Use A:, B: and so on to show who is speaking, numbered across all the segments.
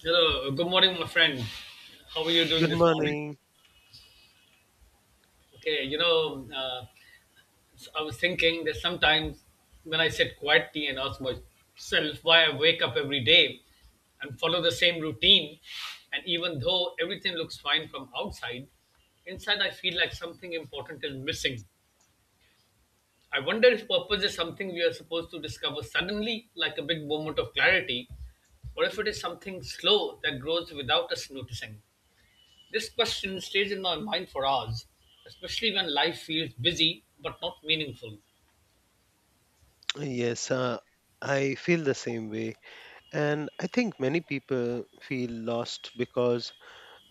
A: Hello, good morning, my friend. How are you doing
B: Good
A: this morning?
B: morning.
A: Okay, I was thinking that sometimes when I sit quietly and ask myself why I wake up every day and follow the same routine, and even though everything looks fine from outside, inside I feel like something important is missing. I wonder if purpose is something we are supposed to discover suddenly, like a big moment of clarity, or if it is something slow that grows without us noticing. This question stays in my mind for hours, especially when life feels busy but not meaningful.
B: Yes, I feel the same way. And I think many people feel lost because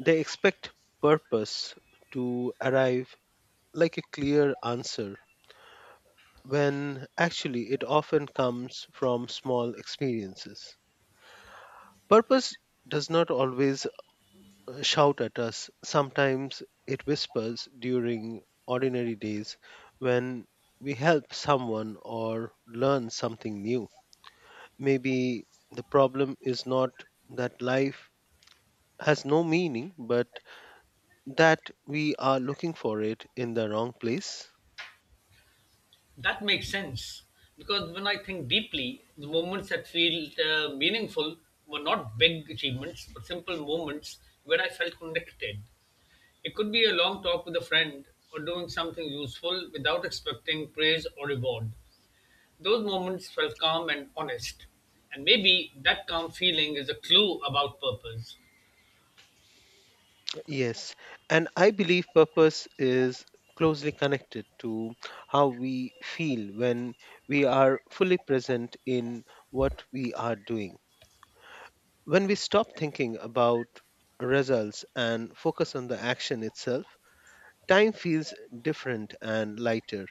B: they expect purpose to arrive like a clear answer when actually it often comes from small experiences. Purpose does not always shout at us, sometimes it whispers during ordinary days when we help someone or learn something new. Maybe the problem is not that life has no meaning, but that we are looking for it in the wrong place.
A: That makes sense because when I think deeply, the moments that feel meaningful were not big achievements but simple moments where I felt connected. It could be a long talk with a friend or doing something useful without expecting praise or reward. Those moments felt calm and honest, and maybe that calm feeling is a clue about purpose.
B: Yes, and I believe purpose is closely connected to how we feel when we are fully present in what we are doing. When we stop thinking about results and focus on the action itself, time feels different and lighter.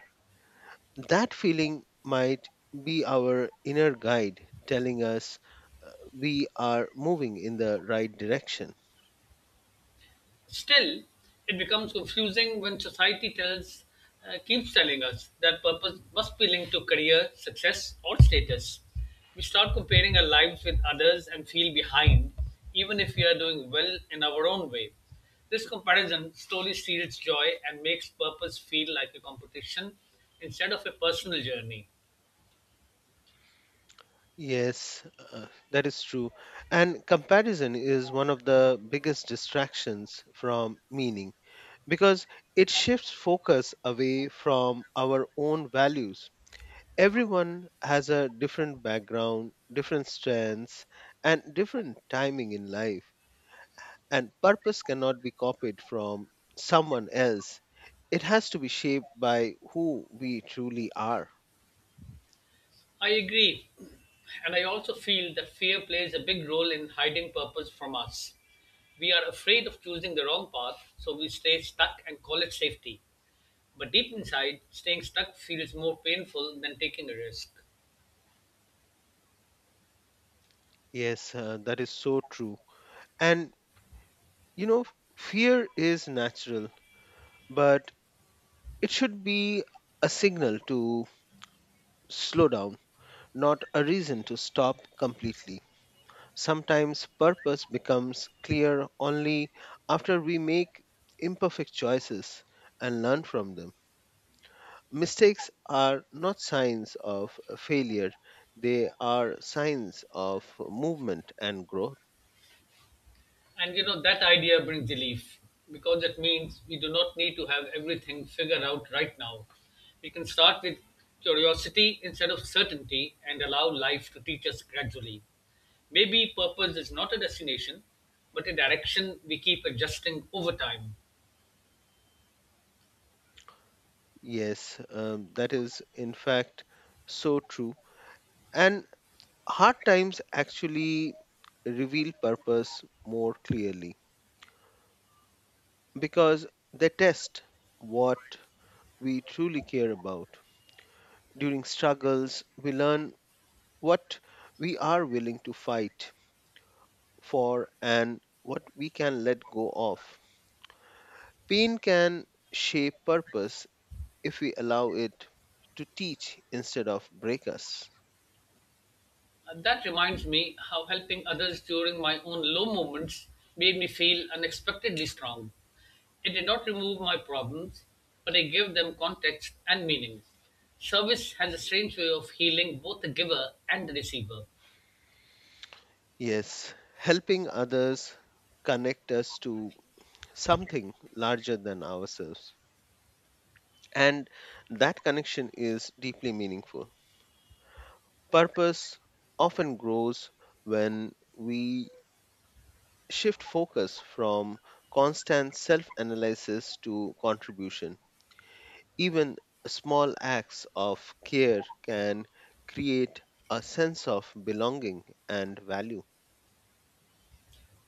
B: That feeling might be our inner guide telling us we are moving in the right direction.
A: Still, it becomes confusing when society keeps telling us that purpose must be linked to career, success, or status. We start comparing our lives with others and feel behind, even if we are doing well in our own way. This comparison slowly steals joy and makes purpose feel like a competition instead of a personal journey.
B: Yes, that is true. And comparison is one of the biggest distractions from meaning because it shifts focus away from our own values. Everyone has a different background, different strengths, and different timing in life. And purpose cannot be copied from someone else. It has to be shaped by who we truly are.
A: I agree. And I also feel that fear plays a big role in hiding purpose from us. We are afraid of choosing the wrong path, so we stay stuck and call it safety. But deep inside, staying stuck feels more painful than taking a risk.
B: Yes, that is so true. And you know, fear is natural, but it should be a signal to slow down, not a reason to stop completely. Sometimes purpose becomes clear only after we make imperfect choices and learn from them. Mistakes are not signs of failure, they are signs of movement and growth.
A: And you know, that idea brings relief because it means we do not need to have everything figured out right now. We can start with curiosity instead of certainty and allow life to teach us gradually. Maybe purpose is not a destination, but a direction we keep adjusting over time.
B: Yes, that is in fact so true. And hard times actually reveal purpose more clearly because they test what we truly care about. During struggles, we learn what we are willing to fight for and what we can let go of. Pain can shape purpose if we allow it to teach instead of break us.
A: That reminds me how helping others during my own low moments made me feel unexpectedly strong. It did not remove my problems, but it gave them context and meaning. Service has a strange way of healing both the giver and the receiver.
B: Yes, helping others connect us to something larger than ourselves. And that connection is deeply meaningful. Purpose often grows when we shift focus from constant self analysis to contribution. Even small acts of care can create a sense of belonging and value.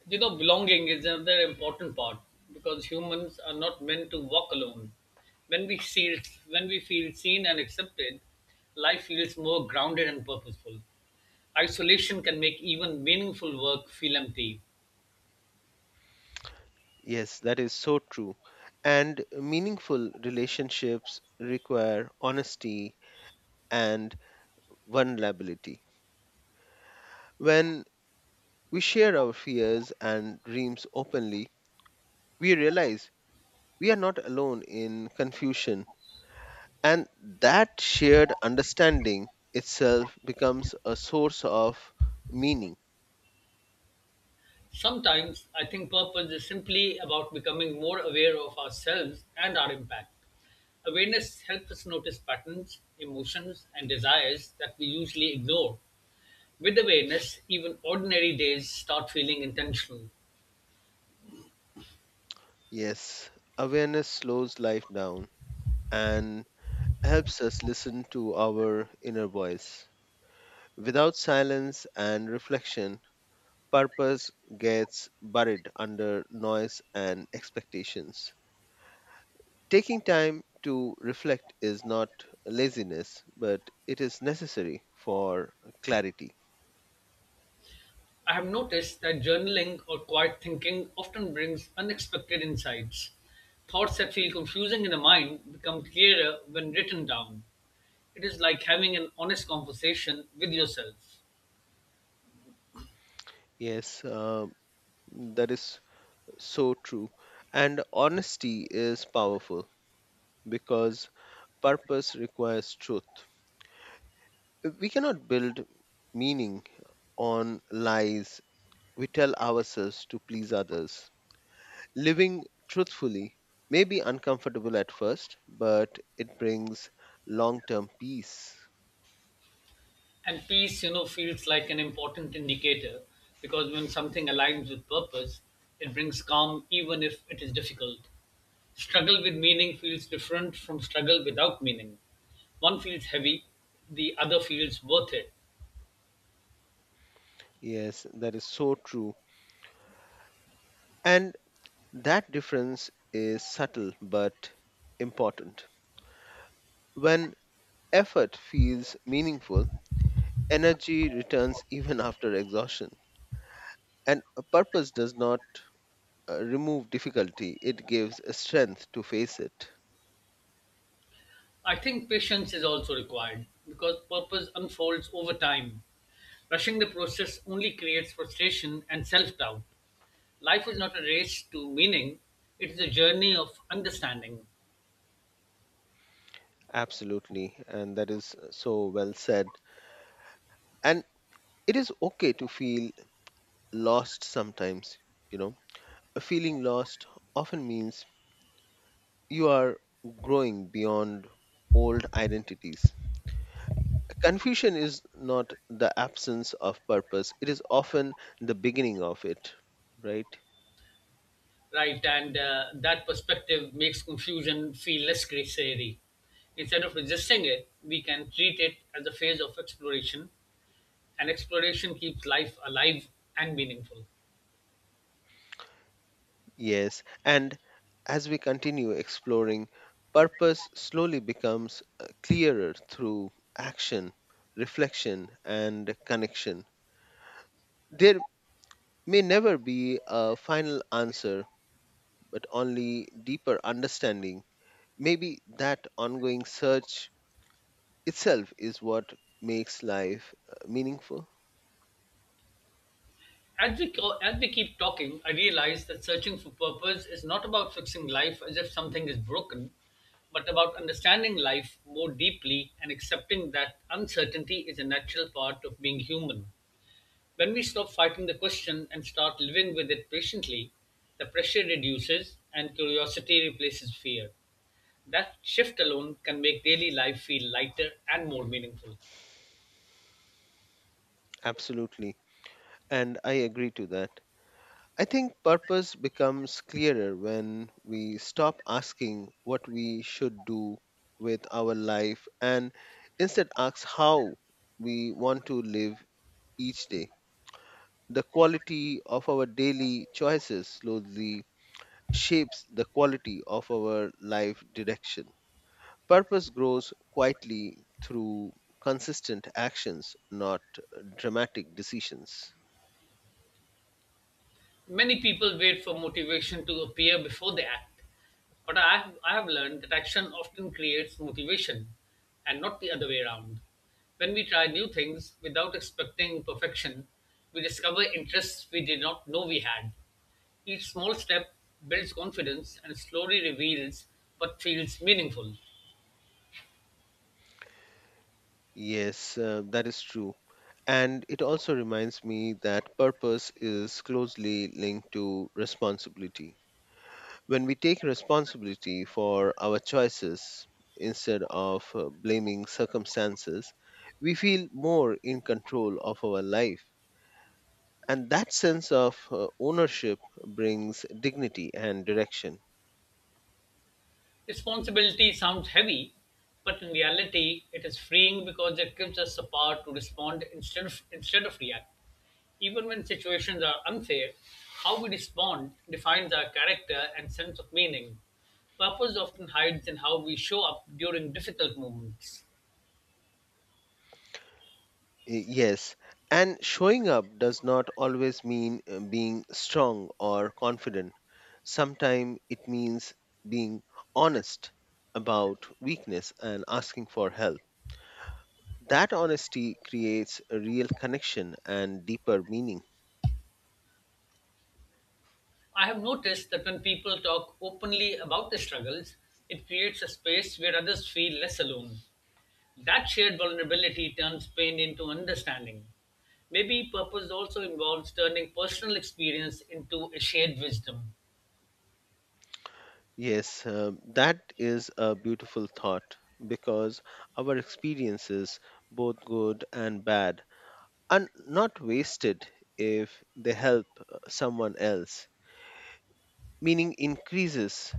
A: You know, belonging is another important part because humans are not meant to walk alone. When we see, when we feel seen and accepted, life feels more grounded and purposeful. Isolation can make even meaningful work feel empty.
B: Yes, that is so true. And meaningful relationships require honesty and vulnerability. When we share our fears and dreams openly, we realize we are not alone in confusion. And that shared understanding itself becomes a source of meaning.
A: Sometimes I think purpose is simply about becoming more aware of ourselves and our impact. Awareness helps us notice patterns, emotions, and desires that we usually ignore. With awareness, even ordinary days start feeling intentional.
B: Yes, awareness slows life down and helps us listen to our inner voice. Without silence and reflection, purpose gets buried under noise and expectations. Taking time to reflect is not laziness, but it is necessary for clarity.
A: I have noticed that journaling or quiet thinking often brings unexpected insights. Thoughts that feel confusing in the mind become clearer when written down. It is like having an honest conversation with yourself.
B: Yes, that is so true. And honesty is powerful because purpose requires truth. We cannot build meaning on lies we tell ourselves to please others. Living truthfully may be uncomfortable at first, but it brings long term peace.
A: And peace, you know, feels like an important indicator because when something aligns with purpose, it brings calm even if it is difficult. Struggle with meaning feels different from struggle without meaning. One feels heavy, the other feels worth it.
B: Yes, that is so true. And that difference is subtle but important. When effort feels meaningful, energy returns even after exhaustion. And a purpose does not remove difficulty, it gives strength to face it.
A: I think patience is also required because purpose unfolds over time. Rushing the process only creates frustration and self doubt. Life is not a race to meaning, it is a journey of understanding.
B: Absolutely. And that is so well said. And it is okay to feel lost sometimes, you know. Feeling lost often means you are growing beyond old identities. Confusion is not the absence of purpose, it is often the beginning of it, right?
A: Right? And that perspective makes confusion feel less scary. Instead of resisting it, we can treat it as a phase of exploration, and exploration keeps life alive and meaningful.
B: Yes, and as we continue exploring, purpose slowly becomes clearer through action, reflection, and connection. There may never be a final answer, but only deeper understanding. Maybe that ongoing search itself is what makes life meaningful.
A: As we keep talking, I realize that searching for purpose is not about fixing life as if something is broken, but about understanding life more deeply and accepting that uncertainty is a natural part of being human. When we stop fighting the question and start living with it patiently, the pressure reduces and curiosity replaces fear. That shift alone can make daily life feel lighter and more meaningful.
B: Absolutely. And I agree to that. I think purpose becomes clearer when we stop asking what we should do with our life and instead ask how we want to live each day. The quality of our daily choices slowly shapes the quality of our life direction. Purpose grows quietly through consistent actions, not dramatic decisions.
A: Many people wait for motivation to appear before they act, but I have learned that action often creates motivation and not the other way around. When we try new things without expecting perfection, we discover interests we did not know we had. Each small step builds confidence and slowly reveals what feels meaningful.
B: Yes, that is true. And it also reminds me that purpose is closely linked to responsibility. When we take responsibility for our choices instead of blaming circumstances, we feel more in control of our life. And that sense of ownership brings dignity and direction.
A: Responsibility sounds heavy, but in reality, it is freeing because it gives us the power to respond instead of react. Even when situations are unfair, how we respond defines our character and sense of meaning. Purpose often hides in how we show up during difficult moments.
B: Yes, and showing up does not always mean being strong or confident. Sometimes it means being honest about weakness and asking for help. That honesty creates a real connection and deeper meaning.
A: I have noticed that when people talk openly about their struggles, it creates a space where others feel less alone. That shared vulnerability turns pain into understanding. Maybe purpose also involves turning personal experience into a shared wisdom.
B: Yes, that is a beautiful thought because our experiences, both good and bad, are not wasted if they help uh, someone else. Meaning increases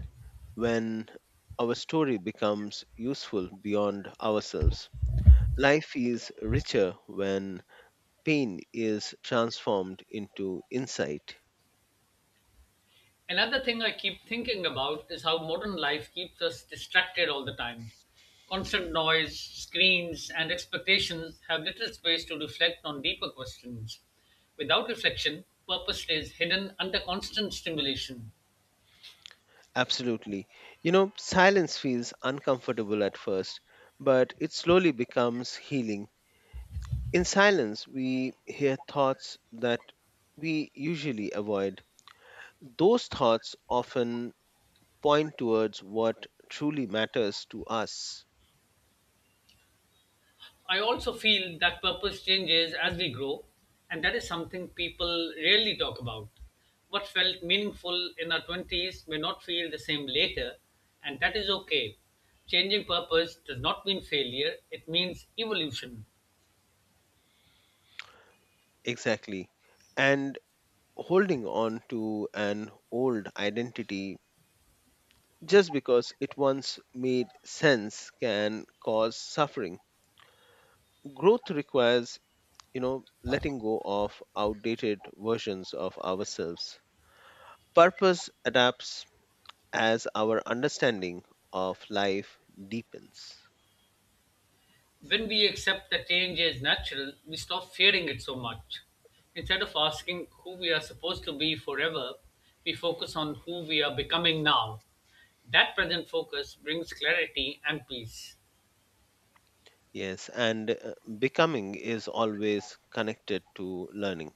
B: when our story becomes useful beyond ourselves. Life is richer when pain is transformed into insight.
A: Another thing I keep thinking about is how modern life keeps us distracted all the time. Constant noise, screens, and expectations have little space to reflect on deeper questions. Without reflection, purpose stays hidden under constant stimulation.
B: Absolutely. You know, silence feels uncomfortable at first, but it slowly becomes healing. In silence, we hear thoughts that we usually avoid. Those thoughts often point towards what truly matters to us.
A: I also feel that purpose changes as we grow, and that is something people rarely talk about. What felt meaningful in our 20s may not feel the same later, and that is okay. Changing purpose does not mean failure, it means evolution.
B: Exactly. And holding on to an old identity just because it once made sense can cause suffering. Growth requires, you know, letting go of outdated versions of ourselves. Purpose adapts as our understanding of life deepens.
A: When we accept that change is natural, we stop fearing it so much. Instead of asking who we are supposed to be forever, we focus on who we are becoming now. That present focus brings clarity and peace.
B: Yes, and becoming is always connected to learning.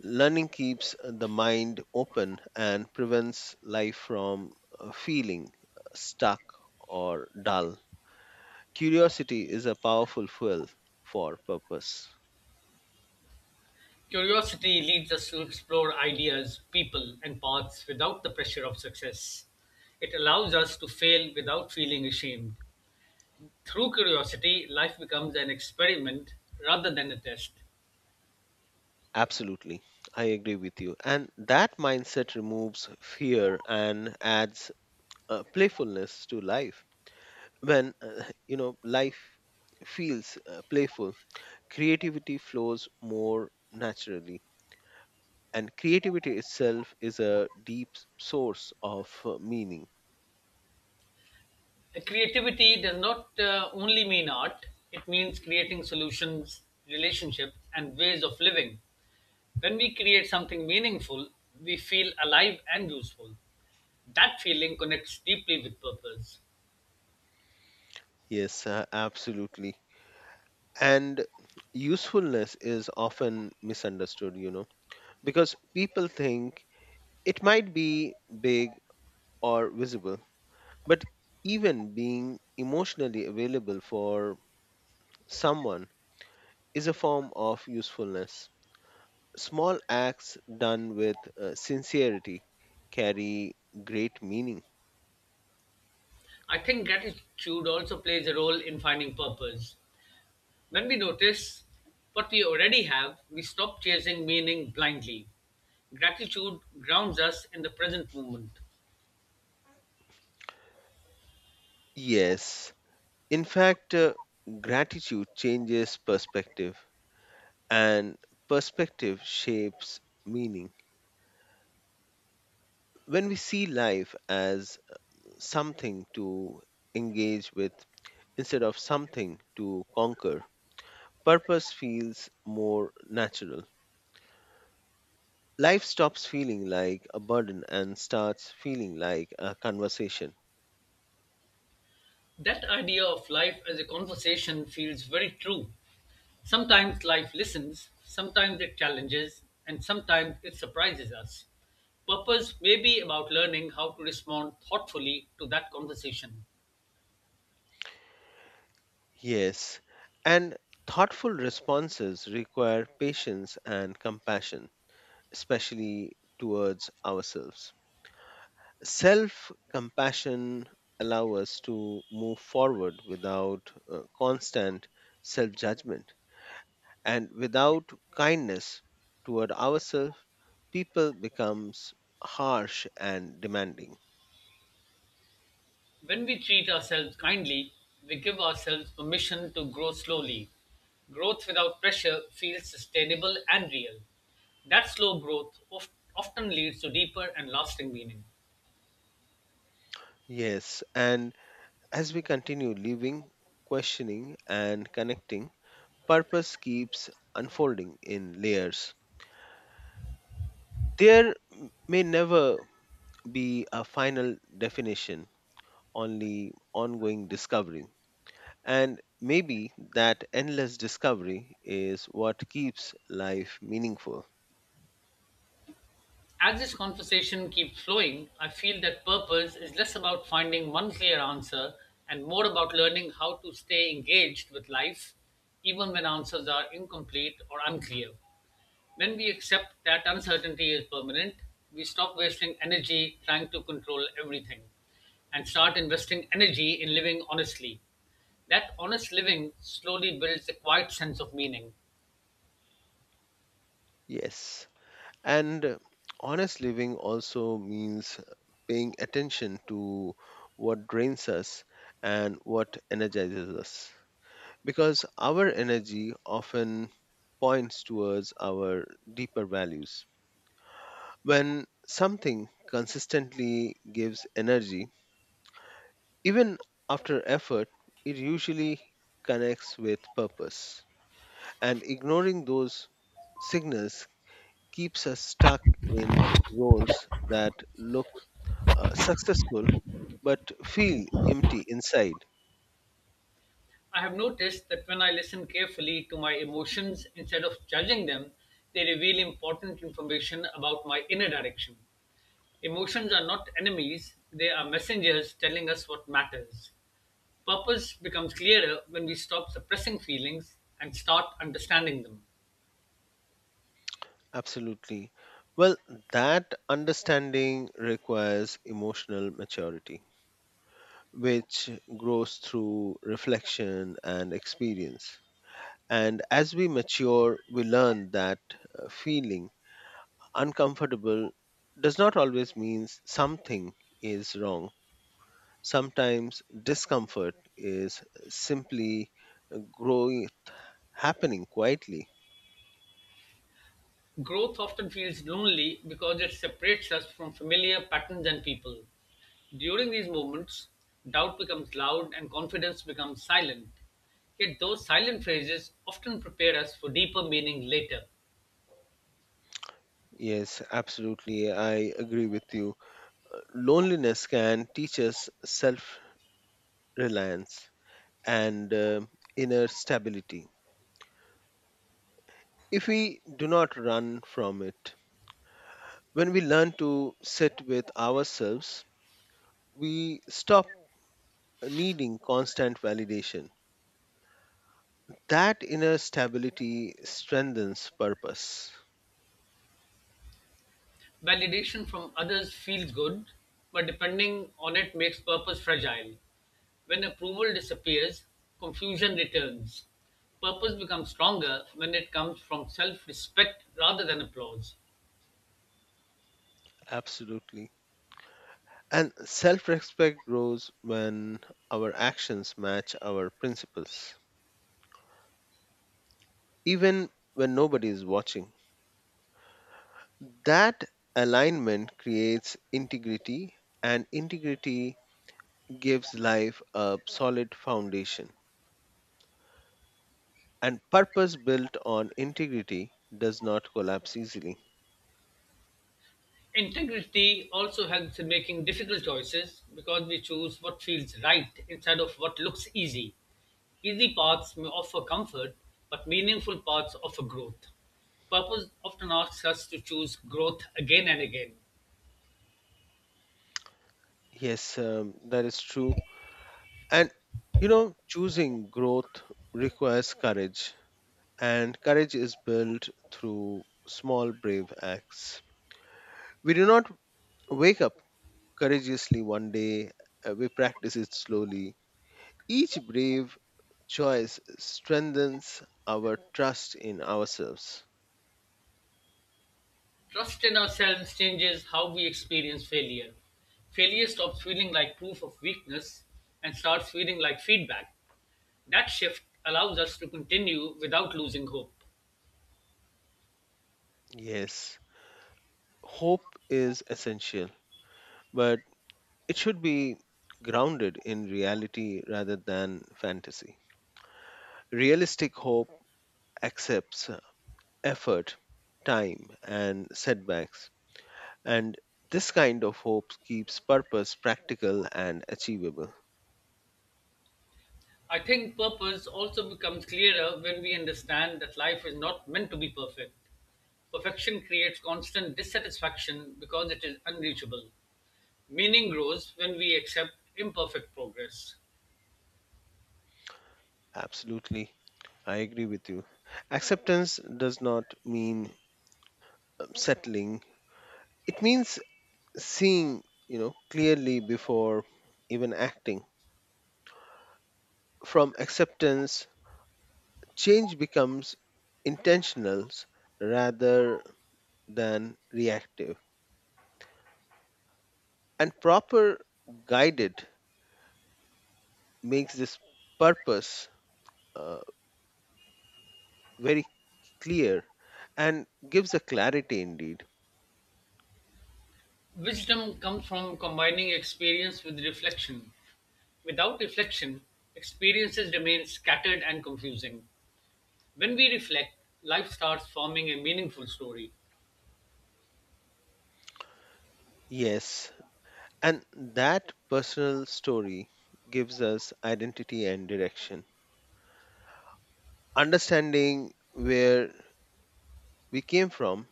B: Learning keeps the mind open and prevents life from feeling stuck or dull. Curiosity is a powerful fuel for purpose.
A: Curiosity leads us to explore ideas, people, and paths without the pressure of success. It allows us to fail without feeling ashamed. Through curiosity, life becomes an experiment rather than a test.
B: Absolutely, I agree with you. And that mindset removes fear and adds playfulness to life. When you know life feels playful, creativity flows more naturally and creativity itself is a deep source of uh, meaning.
A: Creativity does not only mean art, it means creating solutions, relationships, and ways of living. When we create something meaningful, we feel alive and useful. That feeling connects deeply with purpose.
B: Yes, absolutely, and usefulness is often misunderstood, you know, because people think it might be big or visible, but even being emotionally available for someone is a form of usefulness. Small acts done with sincerity carry great meaning.
A: I think gratitude also plays a role in finding purpose. When we notice what we already have, we stop chasing meaning blindly. Gratitude grounds us in the present moment.
B: Yes. In fact, gratitude changes perspective, and perspective shapes meaning. When we see life as something to engage with instead of something to conquer, purpose feels more natural. Life stops feeling like a burden and starts feeling like a conversation.
A: That idea of life as a conversation feels very true. Sometimes life listens, sometimes it challenges, and sometimes it surprises us. Purpose may be about learning how to respond thoughtfully to that conversation.
B: Yes, and thoughtful responses require patience and compassion especially towards ourselves. Self compassion allows us to move forward without constant self judgment, and without kindness toward ourselves people becomes harsh and demanding.
A: When we treat ourselves kindly, we give ourselves permission to grow slowly. Growth without pressure feels sustainable and real. That slow often leads to deeper and lasting meaning.
B: Yes, and as we continue living, questioning and connecting, purpose keeps unfolding in layers. There may never be a final definition, only ongoing discovery. And maybe that endless discovery is what keeps life meaningful.
A: As this conversation keeps flowing, I feel that purpose is less about finding one clear answer and more about learning how to stay engaged with life, even when answers are incomplete or unclear. When we accept that uncertainty is permanent, we stop wasting energy trying to control everything and start investing energy in living honestly. That honest living slowly builds a quiet sense of meaning.
B: Yes. And honest living also means paying attention to what drains us and what energizes us. Because our energy often points towards our deeper values. When something consistently gives energy, even after effort, it usually connects with purpose. And ignoring those signals keeps us stuck in roles that look successful but feel empty inside.
A: I have noticed that when I listen carefully to my emotions instead of judging them, they reveal important information about my inner direction. Emotions are not enemies, they are messengers telling us what matters. Purpose becomes clearer when we stop suppressing feelings and start understanding them.
B: Absolutely. Well, that understanding requires emotional maturity, which grows through reflection and experience. And as we mature, we learn that feeling uncomfortable does not always mean something is wrong. Sometimes discomfort is simply growing, happening quietly.
A: Growth often feels lonely because it separates us from familiar patterns and people. During these moments, doubt becomes loud and confidence becomes silent. Yet, those silent phases often prepare us for deeper meaning later.
B: Yes, absolutely. I agree with you. Loneliness can teach us self reliance and inner stability if we do not run from it. When we learn to sit with ourselves, we stop needing constant validation. That inner stability strengthens purpose.
A: Validation from others feels good, but depending on it makes purpose fragile. When approval disappears, confusion returns. Purpose becomes stronger when it comes from self respect rather than applause.
B: Absolutely. And self respect grows when our actions match our principles, even when nobody is watching. That alignment creates integrity, and integrity gives life a solid foundation. And purpose built on integrity does not collapse easily.
A: Integrity also helps in making difficult choices because we choose what feels right instead of what looks easy. Easy paths may offer comfort, but meaningful paths offer growth. Purpose often asks us to choose growth again and again.
B: Yes, that is true. And you know, choosing growth requires courage, and courage is built through small, brave acts. We do not wake up courageously one day, we practice it slowly. Each brave choice strengthens our trust in ourselves.
A: Trust in ourselves changes how we experience failure. Failure stops feeling like proof of weakness and starts feeling like feedback. That shift allows us to continue without losing hope.
B: Yes, hope is essential, but it should be grounded in reality rather than fantasy. Realistic hope accepts effort, time, and setbacks. And this kind of hope keeps purpose practical and achievable.
A: I think purpose also becomes clearer when we understand that life is not meant to be perfect. Perfection creates constant dissatisfaction because it is unreachable. Meaning grows when we accept imperfect progress.
B: Absolutely. I agree with you. Acceptance does not mean settling. It means seeing, you know, clearly before even acting. From acceptance, change becomes intentional rather than reactive. And proper guided makes this purpose uh, very clear and gives a clarity indeed.
A: Wisdom comes from combining experience with reflection. Without reflection, experiences remain scattered and confusing. When we reflect, life starts forming a meaningful story.
B: Yes, and that personal story gives us identity and direction. Understanding where we came from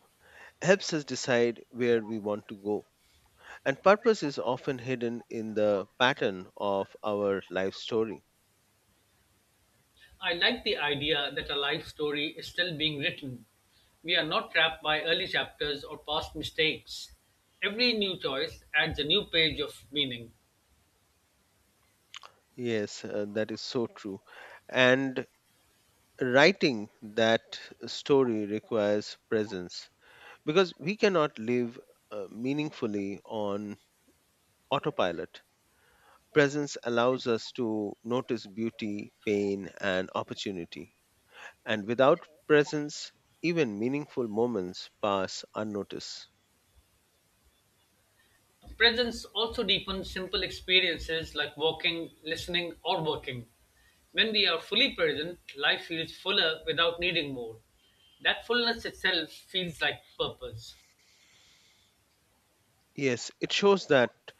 B: helps us decide where we want to go. And purpose is often hidden in the pattern of our life story.
A: I like the idea that a life story is still being written. We are not trapped by early chapters or past mistakes. Every new choice adds a new page of meaning.
B: Yes, that is so true. And writing that story requires presence because we cannot live meaningfully on autopilot. Presence allows us to notice beauty, pain, and opportunity. And without presence, even meaningful moments pass unnoticed.
A: Presence also deepens simple experiences like walking, listening, or working. When we are fully present, life feels fuller without needing more. That fullness itself feels like purpose.
B: Yes, it shows that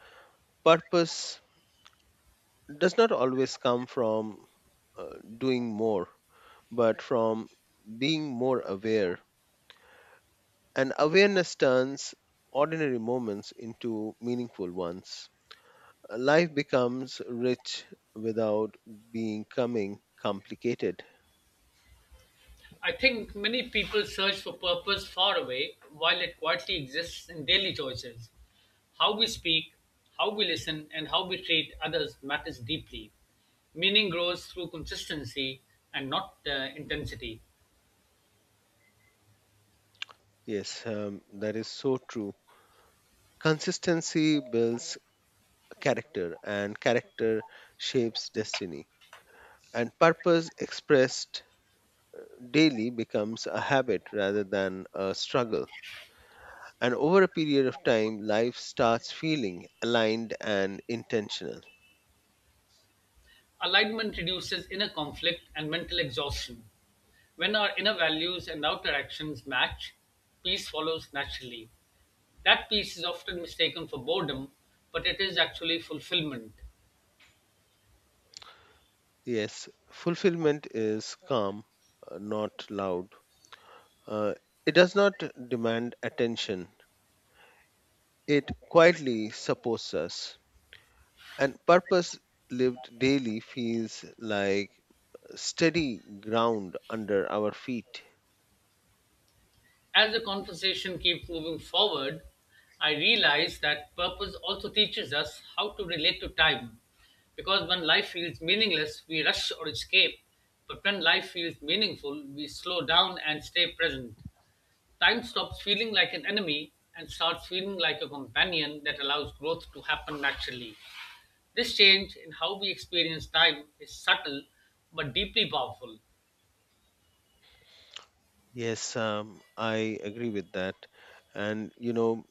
B: purpose does not always come from doing more, but from being more aware. And awareness turns ordinary moments into meaningful ones. Life becomes rich without becoming complicated.
A: I think many people search for purpose far away while it quietly exists in daily choices. How we speak, how we listen, and how we treat others matters deeply. Meaning grows through consistency and not intensity.
B: Yes, that is so true. Consistency builds character, and character shapes destiny. And purpose expressed daily becomes a habit rather than a struggle. And over a period of time, life starts feeling aligned and intentional.
A: Alignment reduces inner conflict and mental exhaustion. When our inner values and outer actions match, peace follows naturally. That peace is often mistaken for boredom, but it is actually fulfillment.
B: Yes, fulfillment is calm, not loud. Uh, it does not demand attention, it quietly supports us. And purpose lived daily feels like steady ground under our feet.
A: As the conversation keeps moving forward, I realize that purpose also teaches us how to relate to time. Because when life feels meaningless, we rush or escape. But when life feels meaningful, we slow down and stay present. Time stops feeling like an enemy and starts feeling like a companion that allows growth to happen naturally. This change in how we experience time is subtle but deeply powerful.
B: Yes, I agree with that. And you know,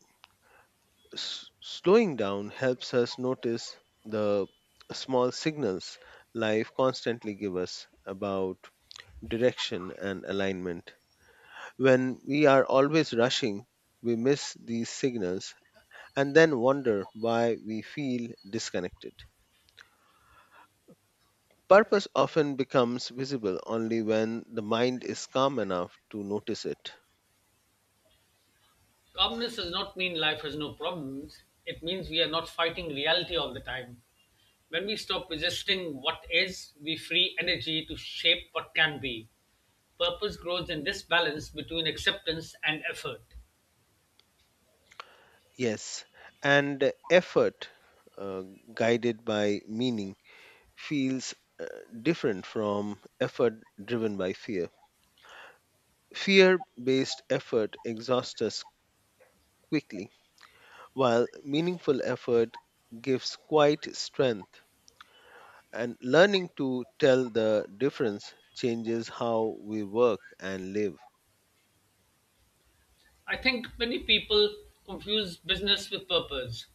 B: slowing down helps us notice the small signals life constantly give us about direction and alignment. When we are always rushing, we miss these signals and then wonder why we feel disconnected. Purpose often becomes visible only when the mind is calm enough to notice it.
A: Calmness does not mean life has no problems, it means we are not fighting reality all the time. When we stop resisting what is, we free energy to shape what can be. Purpose grows in this balance between acceptance and effort.
B: Yes, and effort uh, guided by meaning feels uh, different from effort driven by fear. Fear based effort exhausts us quickly, while meaningful effort gives quite strength. And learning to tell the difference changes how we work and live.
A: I think many people confuse business with purpose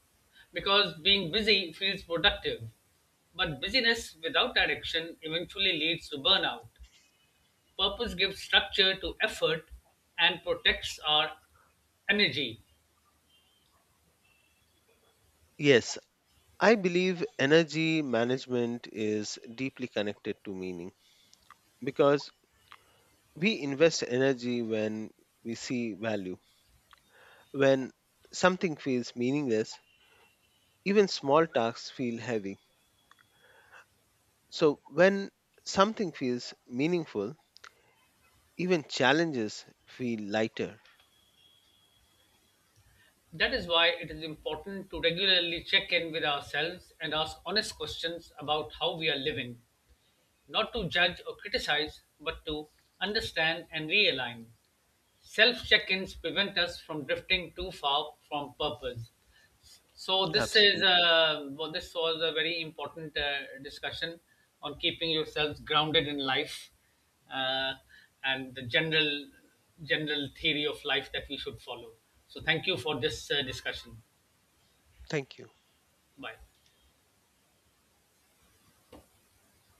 A: because being busy feels productive. But busyness without direction eventually leads to burnout. Purpose gives structure to effort and protects our energy.
B: Yes, I believe energy management is deeply connected to meaning because we invest energy when we see value. When something feels meaningless, even small tasks feel heavy. So, when something feels meaningful, even challenges feel lighter.
A: That is why it is important to regularly check in with ourselves and ask honest questions about how we are living, not to judge or criticize, but to understand and realign. Self-check-ins prevent us from drifting too far from purpose. So this is
B: Absolutely.
A: this was a very important discussion on keeping yourselves grounded in life, uh, and the general theory of life that we should follow. So thank you for this discussion.
B: Thank you.
A: Bye.